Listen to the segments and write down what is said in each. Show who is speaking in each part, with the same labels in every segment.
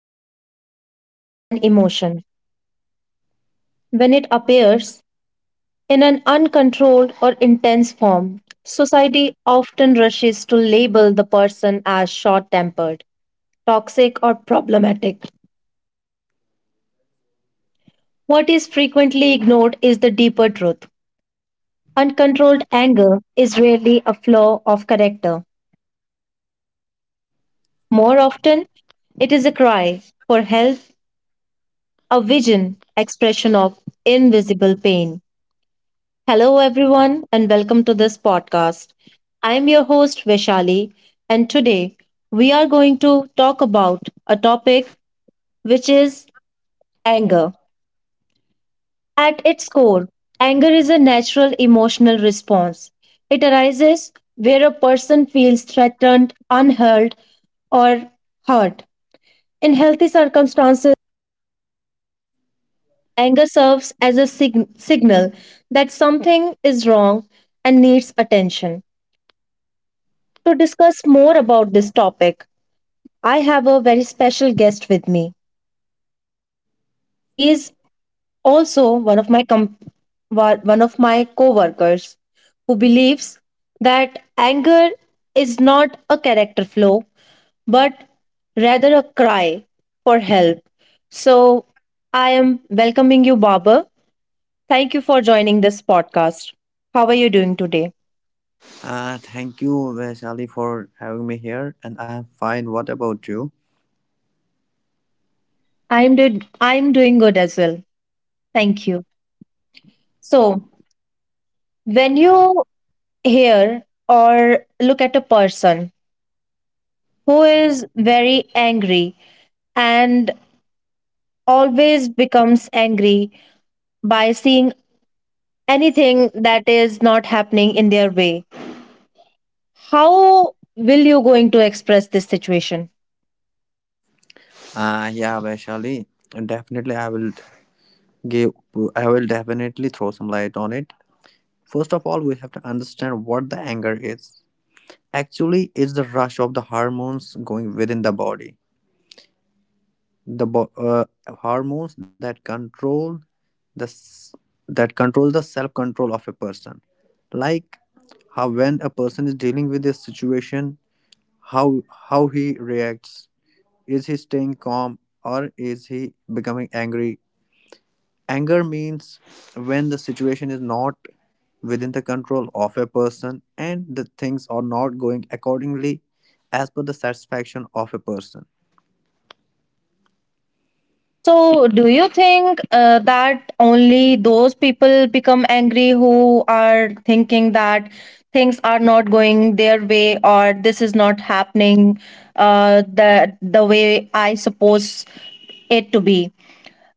Speaker 1: misunderstood human emotion. When it appears in an uncontrolled or intense form, society often rushes to label the person as short tempered, toxic, or problematic. What is frequently ignored is the deeper truth. Uncontrolled anger is rarely a flaw of character. More often, it is a cry for help, a vision, expression of invisible pain. Hello, everyone, and welcome to this podcast. I am your host, Vishali, and today we are going to talk about a topic which is anger. At its core, anger is a natural emotional response. It arises where a person feels threatened, unheard, or hurt. In healthy circumstances, anger serves as a signal that something is wrong and needs attention. To discuss more about this topic, I have a very special guest with me. He is also one of my one of my co-workers who believes that anger is not a character flaw but rather a cry for help. So, I am welcoming you, Baba. Thank you for joining this podcast. How are you doing today?
Speaker 2: Thank you, Vaishali, for having me here, and I am fine. What about you?
Speaker 1: I'm doing good as well. Thank you. So, when you here or look at a person who is very angry and always becomes angry by seeing anything that is not happening in their way, how will you going to express this situation?
Speaker 2: Yeah, Vaishali, definitely I will give, I will definitely throw some light on it. First of all, we have to understand what the anger is. Actually, it's the rush of the hormones going within the body. The bo- uh, Hormones that control the s- that controls the self control of a person. Like how when a person is dealing with a situation, how he reacts, is he staying calm or is he becoming angry? Anger means when the situation is not within the control of a person and the things are not going accordingly as per the satisfaction of a person.
Speaker 1: So, do you think that only those people become angry who are thinking that things are not going their way, or this is not happening the way I suppose it to be?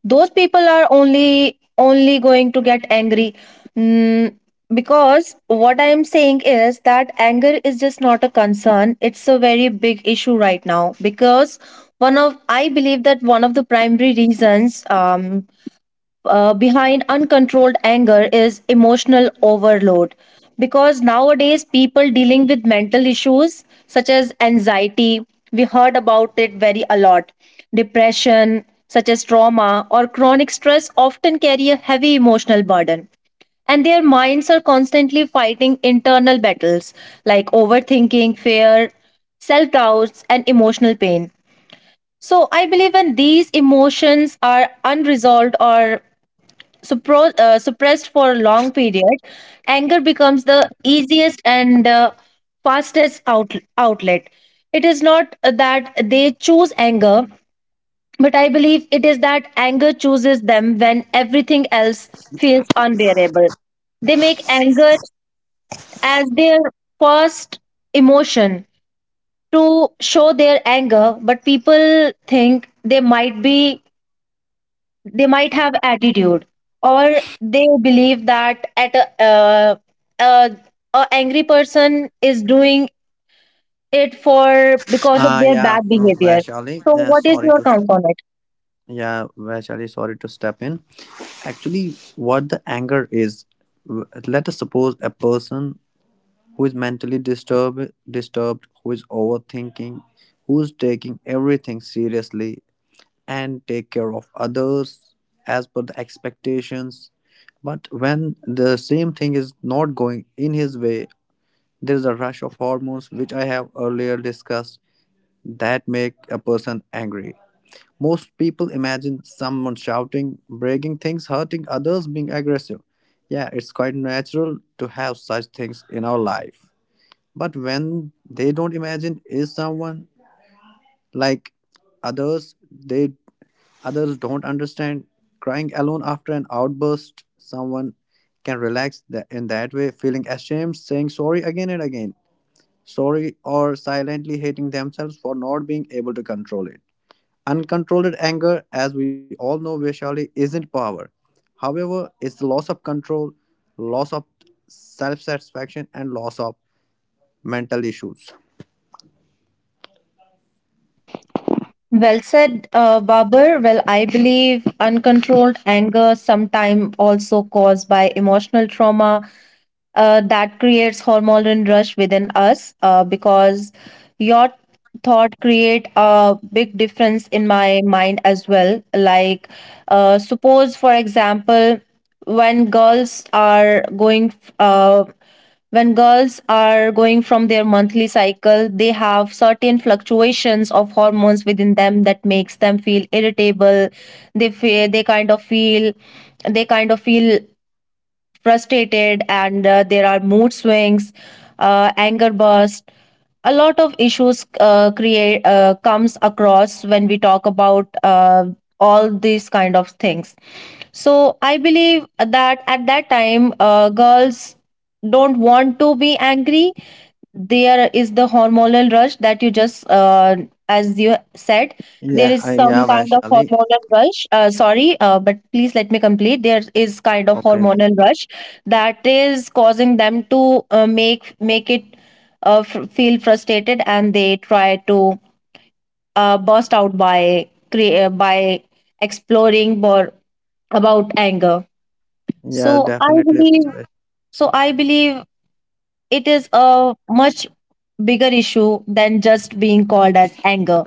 Speaker 1: Those people are only going to get angry. Mm, because what I am saying is that anger is just not a concern, it's a very big issue right now, because one of, I believe that one of the primary reasons behind uncontrolled anger is emotional overload, because nowadays people dealing with mental issues such as anxiety, we heard about it very a lot, depression, such as trauma or chronic stress, often carry a heavy emotional burden, and their minds are constantly fighting internal battles like overthinking, fear, self doubts, and emotional pain. So I believe when these emotions are unresolved or suppressed for a long period, anger becomes the easiest and fastest outlet. It is not that they choose anger, but I believe it is that anger chooses them. When everything else feels unbearable, they make anger as their first emotion to show their anger, but people think they might be, they might have attitude, or they believe that at uh, a angry person is doing it for because of their
Speaker 2: Yeah
Speaker 1: bad behavior.
Speaker 2: Vaishali,
Speaker 1: So what is
Speaker 2: sorry
Speaker 1: your
Speaker 2: to
Speaker 1: count on it?
Speaker 2: yeah Vaishali, sorry to step in. Actually, what the anger is, let us suppose a person who is mentally disturbed, who is overthinking, who's taking everything seriously and take care of others as per the expectations, but when the same thing is not going in his way, there is a rush of hormones, which I have earlier discussed, that make a person angry. Most people imagine someone shouting, breaking things, hurting others, being aggressive. Yeah, it's quite natural to have such things in our life, but when they don't imagine is someone like others, they others don't understand. Crying alone after an outburst, someone can relax in that way, feeling ashamed, saying sorry again and again, sorry, or silently hating themselves for not being able to control it. Uncontrolled anger, as we all know, visually isn't power. However, it's the loss of control, loss of self satisfaction, and loss of mental issues.
Speaker 1: Well said, Babur. Well, I believe uncontrolled anger, sometimes also caused by emotional trauma, that creates hormonal rush within us, because your thought create a big difference in my mind as well, like suppose for example, when girls are going uh, from their monthly cycle, they have certain fluctuations of hormones within them that makes them feel irritable, they feel, they kind of feel frustrated, and there are mood swings, anger burst, a lot of issues, create, comes across when we talk about all these kind of things. So I believe that at that time, girls don't want to be angry, there is the hormonal rush that you just, as you said, there is some
Speaker 2: Yeah,
Speaker 1: kind of
Speaker 2: Vaishali.
Speaker 1: hormonal rush, sorry, but please let me complete. There is kind of
Speaker 2: Okay.
Speaker 1: hormonal rush that is causing them to make it feel frustrated, and they try to burst out by by exploring more about anger. So
Speaker 2: Yeah,
Speaker 1: I
Speaker 2: definitely,
Speaker 1: believe,
Speaker 2: Vaish-
Speaker 1: so i believe it is a much bigger issue than just being called as anger.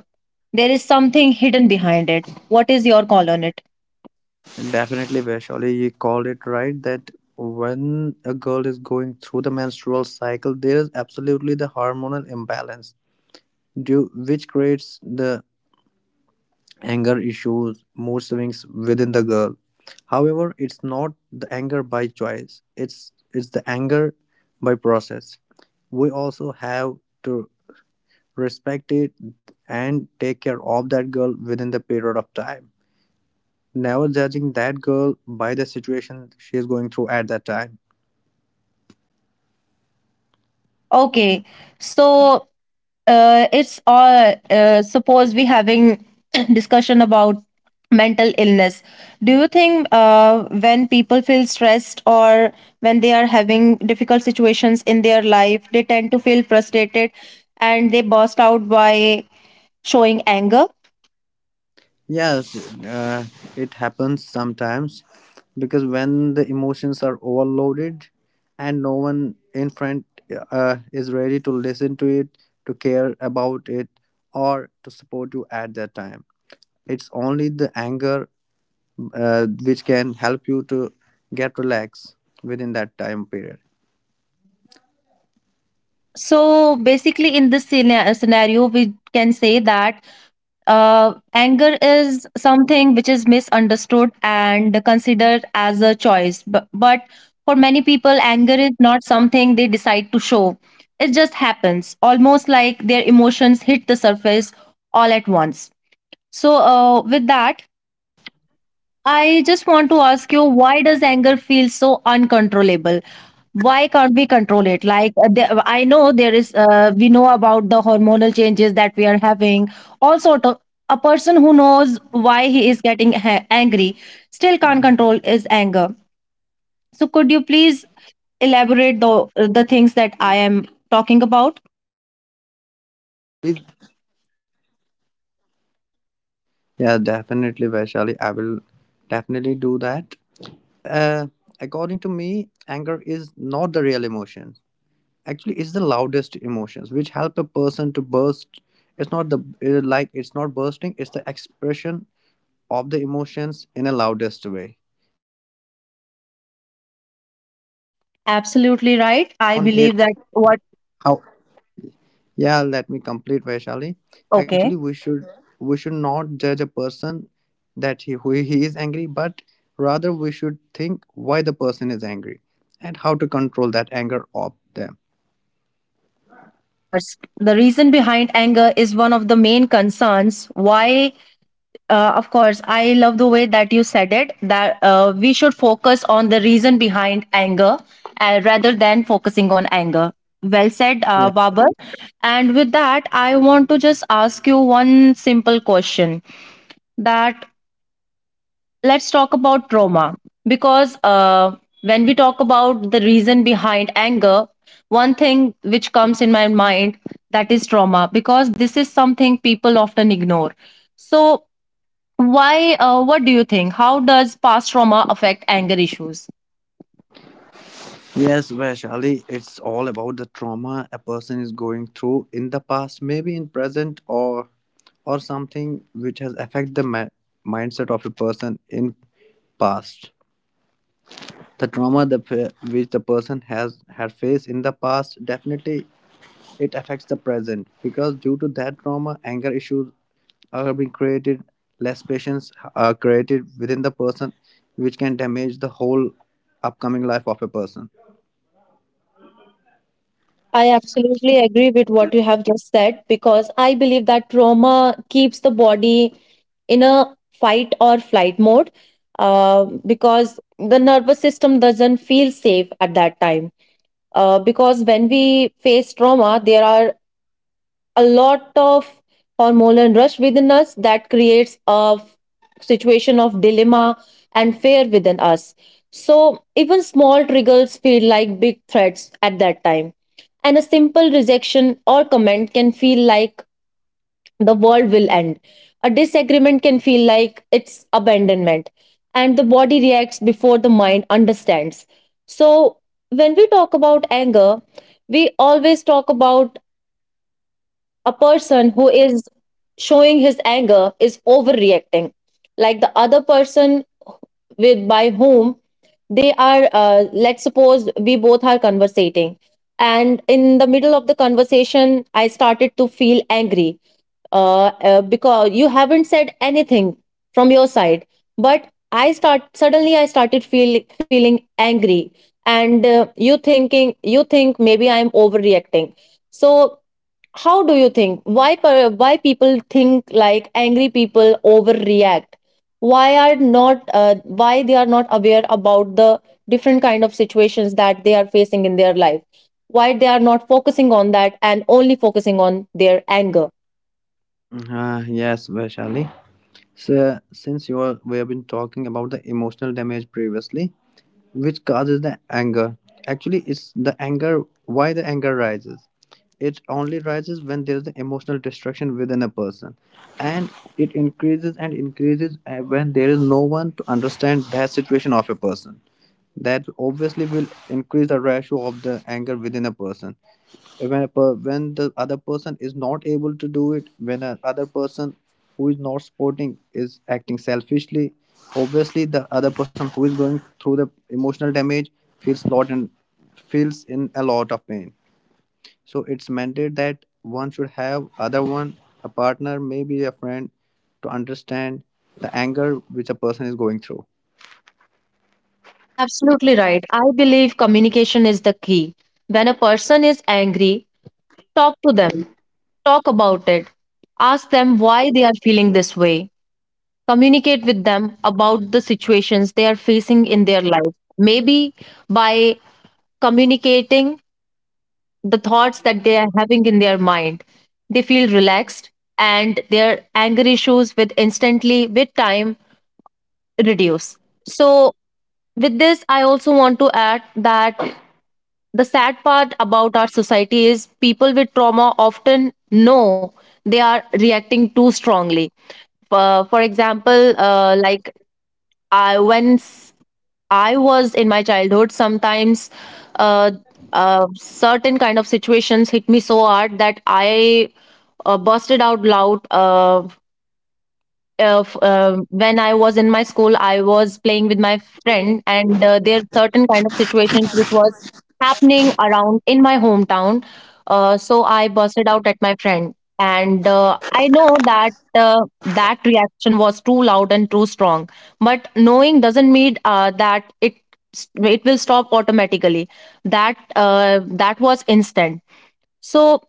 Speaker 1: There is something hidden behind it. What is your call on it?
Speaker 2: definitely, Vaishali. You called it right that when a girl is going through the menstrual cycle, there is absolutely the hormonal imbalance, due, which creates the anger issues, mood swings within the girl. However, it's not the anger by choice. It's the anger by process. We also have to respect it and take care of that girl within the period of time, never judging that girl by the situation she's going through at that time.
Speaker 1: Okay, so it's all. Suppose we having discussion about mental illness. Do you think, when people feel stressed, or when they are having difficult situations in their life, they tend to feel frustrated and they burst out by showing anger?
Speaker 2: Yes, it happens sometimes because when the emotions are overloaded and no one in front is ready to listen to it, to care about it, or to support you at that time, it's only the anger which can help you to get relaxed within that time period.
Speaker 1: So basically, in this scenario, we can say that anger is something which is misunderstood and considered as a choice. But, for many people, anger is not something they decide to show. It just happens, almost like their emotions hit the surface all at once. So, with that, I just want to ask you, why does anger feel so uncontrollable? Why can't we control it? Like, I know there is, we know about the hormonal changes that we are having, all sort of. A person who knows why he is getting angry still can't control his anger. So, could you please elaborate the things that I am talking about?
Speaker 3: Yeah, definitely, Vaishali. I will definitely do that. Uh, According to me, anger is not the real emotion. Actually, it's the loudest emotions which help a person to burst. It's not the it's not bursting. It's the expression of the emotions in a loudest way.
Speaker 1: Absolutely right. I believe
Speaker 2: It
Speaker 1: that what,
Speaker 2: how. Yeah, let me complete, Vaishali.
Speaker 1: okay.
Speaker 2: Actually, we should not judge a person that he who he is angry, but rather we should think why the person is angry and how to control that anger of them.
Speaker 1: Of course, the reason behind anger is one of the main concerns why. Of course, I love the way that you said it, that we should focus on the reason behind anger rather than focusing on anger. Well said,
Speaker 2: Yeah,
Speaker 1: Babar. And with that, I want to just ask you one simple question, that let's talk about trauma, because when we talk about the reason behind anger, one thing which comes in my mind, that is trauma, because this is something people often ignore. So, why? What do you think? How does past trauma affect anger issues?
Speaker 2: yes, Vaishali, it's all about the trauma a person is going through in the past, maybe in present, or something which has affected the mindset of a person in past. The trauma, the which the person has had faced in the past, definitely it affects the present because due to that trauma, anger issues are being created, less patience are created within the person, which can damage the whole upcoming life of a person.
Speaker 1: I absolutely agree with what you have just said, because I believe that trauma keeps the body in a fight or flight mode, because the nervous system doesn't feel safe at that time. Because when we face trauma, there are a lot of hormonal rush within us that creates a situation of dilemma and fear within us. So even small triggers feel like big threats at that time. And a simple rejection or comment can feel like the world will end. A disagreement can feel like it's abandonment. And the body reacts before the mind understands. So when we talk about anger, we always talk about a person who is showing his anger is overreacting, like the other person with by whom they are, let's suppose we both are conversating, and in the middle of the conversation I started to feel angry, because you haven't said anything from your side, but I start, suddenly I started feeling angry, and you thinking, you think maybe I am overreacting. So how do you think, why why people think like angry people overreact? Why are not, why they are not aware about the different kind of situations that they are facing in their life? Why they are not focusing on that and only focusing on their anger?
Speaker 2: Yes, Vaishali. So since you are we have been talking about the emotional damage previously which causes the anger. Actually, it's the anger why the anger rises. It only rises when there's the emotional destruction within a person, and it increases and increases when there is no one to understand that situation of a person. That obviously will increase the ratio of the anger within a person when when the other person is not able to do it, when a other person who is not supporting is acting selfishly, obviously the other person who is going through the emotional damage feels lot and feels in a lot of pain. So it's mandated that one should have other one, a partner, maybe a friend, to understand the anger which a person is going through.
Speaker 1: Absolutely right. I believe communication is the key. When a person is angry, talk to them, talk about it, ask them why they are feeling this way. Communicate with them about the situations they are facing in their life. Maybe by communicating the thoughts that they are having in their mind, they feel relaxed, and their anger issues with instantly with time reduce. So with this, I also want to add that the sad part about our society is people with trauma often know they are reacting too strongly. For example, like I once, I was in my childhood, sometimes uh, certain kind of situations hit me so hard that I busted out loud. Of When I was in my school, I was playing with my friend, and there are certain kind of situations which was happening around in my hometown. So I busted out at my friend, and I know that that reaction was too loud and too strong. But knowing doesn't mean that it will stop automatically. That that was instant. So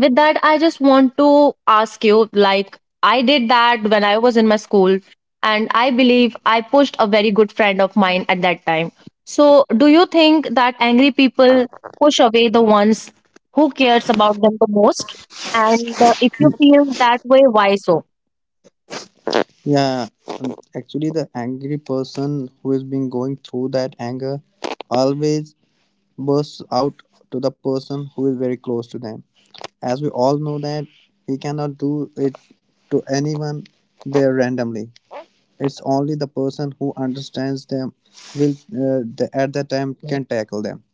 Speaker 1: with that, I just want to ask you, like I did that when I was in my school and I believe I pushed a very good friend of mine at that time. So do you think that angry people push away the ones who cares about them the most? And if you feel that way, why so?
Speaker 2: Yeah Actually, the angry person who is been going through that anger always bursts out to the person who is very close to them. As we all know that he cannot do it to anyone there randomly. It's only the person who understands them will at that time can tackle them.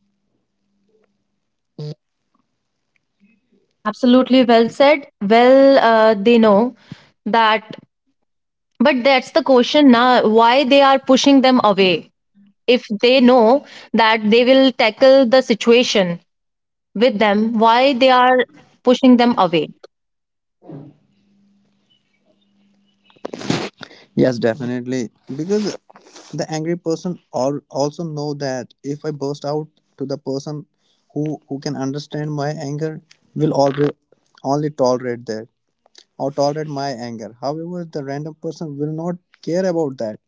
Speaker 1: Absolutely, well said. Well, they know that, but that's the question now, why they are pushing them away? If they know that they will tackle the situation with them, why they are pushing them away?
Speaker 2: Yes, definitely. Because the angry person also know that if I burst out to the person who can understand my anger will always only tolerate that or tolerate my anger. However, the random person will not care about that.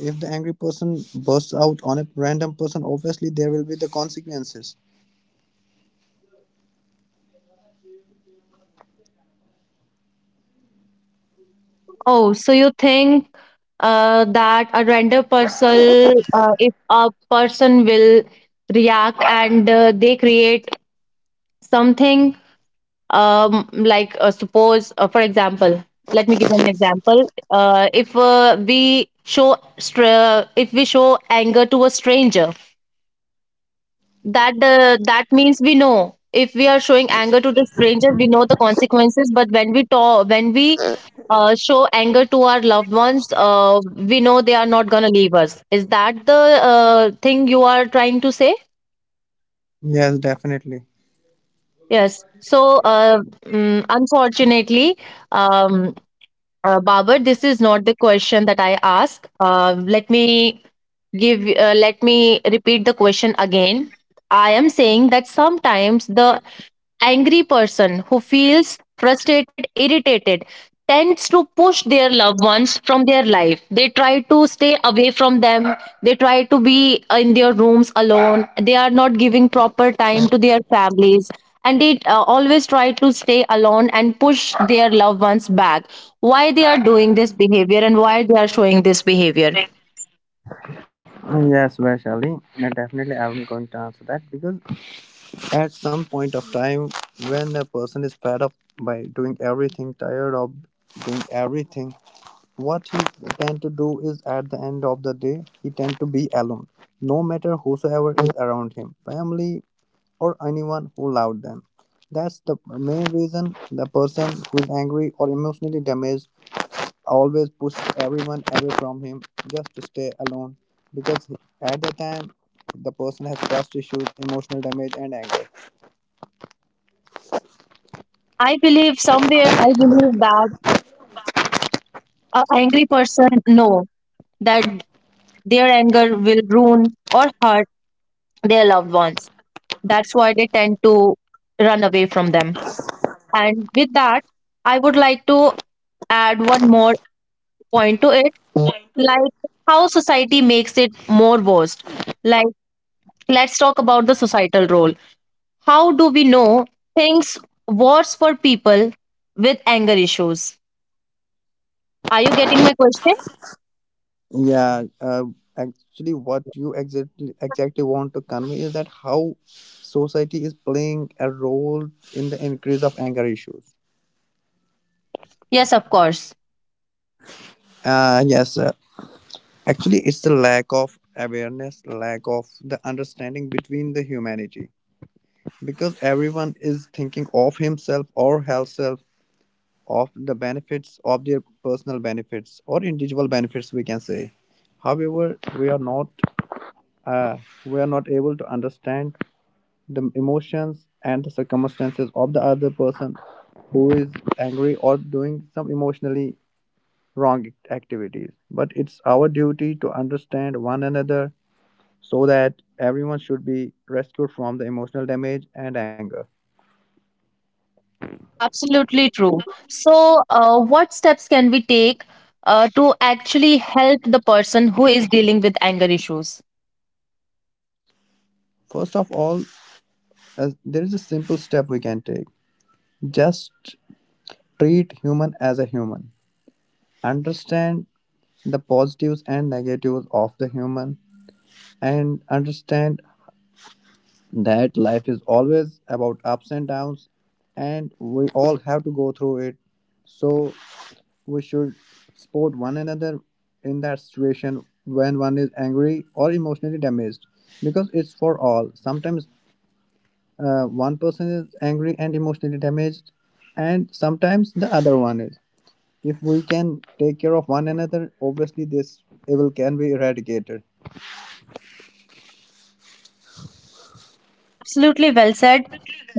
Speaker 2: If the angry person bursts out on a random person, obviously there will be the consequences.
Speaker 1: Oh, so you think that a random person, if a person will react and they create something like suppose, for example, let me give you an example, if we show if we show anger to a stranger, that that means we know, if we are showing anger to the stranger we know the consequences, but when we talk, when we, show anger to our loved ones, we know they are not going to leave us. Is that the thing you are trying to say?
Speaker 2: Yes, definitely.
Speaker 1: Yes, so mm, unfortunately, um, Babar, this is not the question that I asked. Let me repeat the question again. I am saying that sometimes the angry person who feels frustrated, irritated, tends to push their loved ones from their life. They try to stay away from them. They try to be in their rooms alone. They are not giving proper time to their families. And they always try to stay alone and push their loved ones back. Why they are doing this behavior and why they are showing this behavior?
Speaker 2: Yes, Vaishali. Definitely, I'm going to answer that because at some point of time, when a person is fed up by doing everything, tired of doing everything, what he tend to do is at the end of the day, he tend to be alone. No matter whosoever is around him, family, or anyone who loved them. That's the main reason the person who is angry or emotionally damaged always pushes everyone away from him just to stay alone because at the time the person has trust issues, emotional damage, and anger.
Speaker 1: I believe somewhere, I believe that a angry person know that their anger will ruin or hurt their loved ones. That's why they tend to run away from them. And with that, I would like to add one more point to it, like how society makes it more worst. Like, let's talk about the societal role. How do we know things worse for people with anger issues? Are you getting my question?
Speaker 2: Yeah, actually, what you exactly want to convey is that how society is playing a role in the increase of anger issues.
Speaker 1: Yes, of course.
Speaker 2: Uh, yes, uh, Actually, it's the lack of awareness, lack of the understanding between the humanity, because everyone is thinking of himself or herself, of the benefits of their personal benefits or individual benefits, we can say. However, uh, we are not able to understand the emotions and the circumstances of the other person who is angry or doing some emotionally wrong activities. But it's our duty to understand one another so that everyone should be rescued from the emotional damage and anger.
Speaker 1: Absolutely true. So, what steps can we take to actually help the person who is dealing with anger issues?
Speaker 2: First of all, as there is a simple step we can take. Just treat human human. Understand the positives and negatives of the human and understand that life is always about ups and downs and we all have to go through it. So we should support one another in that situation when one is angry or emotionally damaged because it's for all. Sometimes one person is angry and emotionally damaged, and sometimes the other one is. If we can take care of one another, obviously this evil can be eradicated.
Speaker 1: Absolutely well said,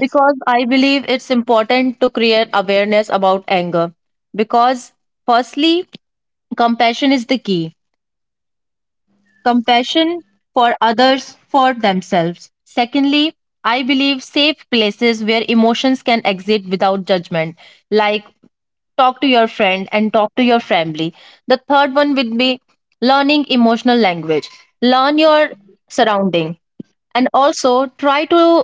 Speaker 1: because I believe it's important to create awareness about anger. Because, firstly, compassion is the key. Compassion for others, for themselves. Secondly, I believe safe places where emotions can exit without judgment, like talk to your friend and talk to your family. The third one would be learning emotional language. Learn your surrounding, and also try to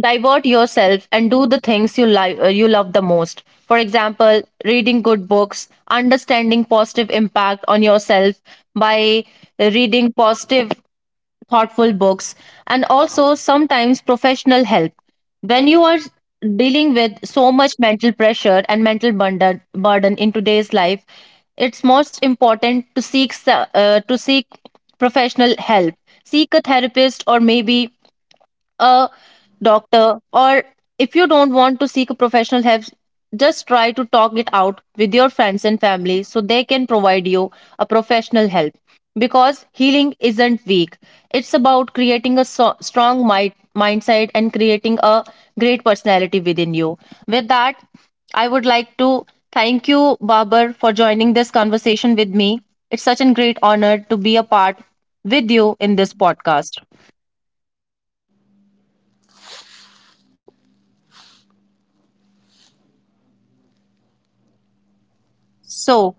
Speaker 1: divert yourself and do the things you, you love the most. For example, reading good books, understanding positive impact on yourself by reading positive, thoughtful books, and also sometimes professional help. When you are dealing with so much mental pressure and mental burden, in today's life, it's most important to seek to seek professional help, seek a therapist or maybe a doctor, or if you don't want to seek a professional help, just try to talk it out with your friends and family so they can provide you a professional help. Because healing isn't weak, it's about creating a strong mindset and creating a great personality within you. With that, I would like to thank you, Babar, for joining this conversation with me. It's such a great honor to be a part with you in this podcast. So,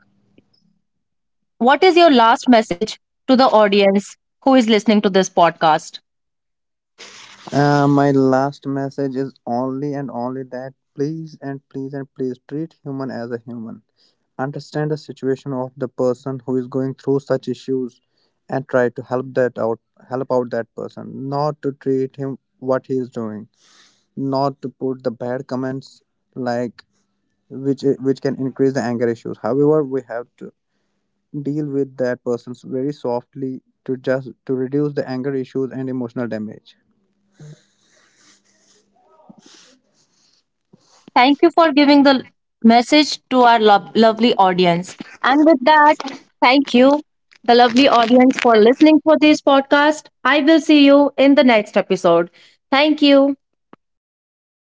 Speaker 1: what is your last message to the audience who is listening to this podcast?
Speaker 2: My last message is only and only that please and please and please treat human as a human. Understand the situation of the person who is going through such issues and try to help out that person. Not to treat him what he is doing. Not to put the bad comments like which can increase the anger issues. However, we have to deal with that person very softly to just to reduce the anger issues and emotional damage.
Speaker 1: Thank you for giving the message to our lovely audience. And with that, thank you, the lovely audience, for listening for this podcast. I will see you in the next episode. Thank you.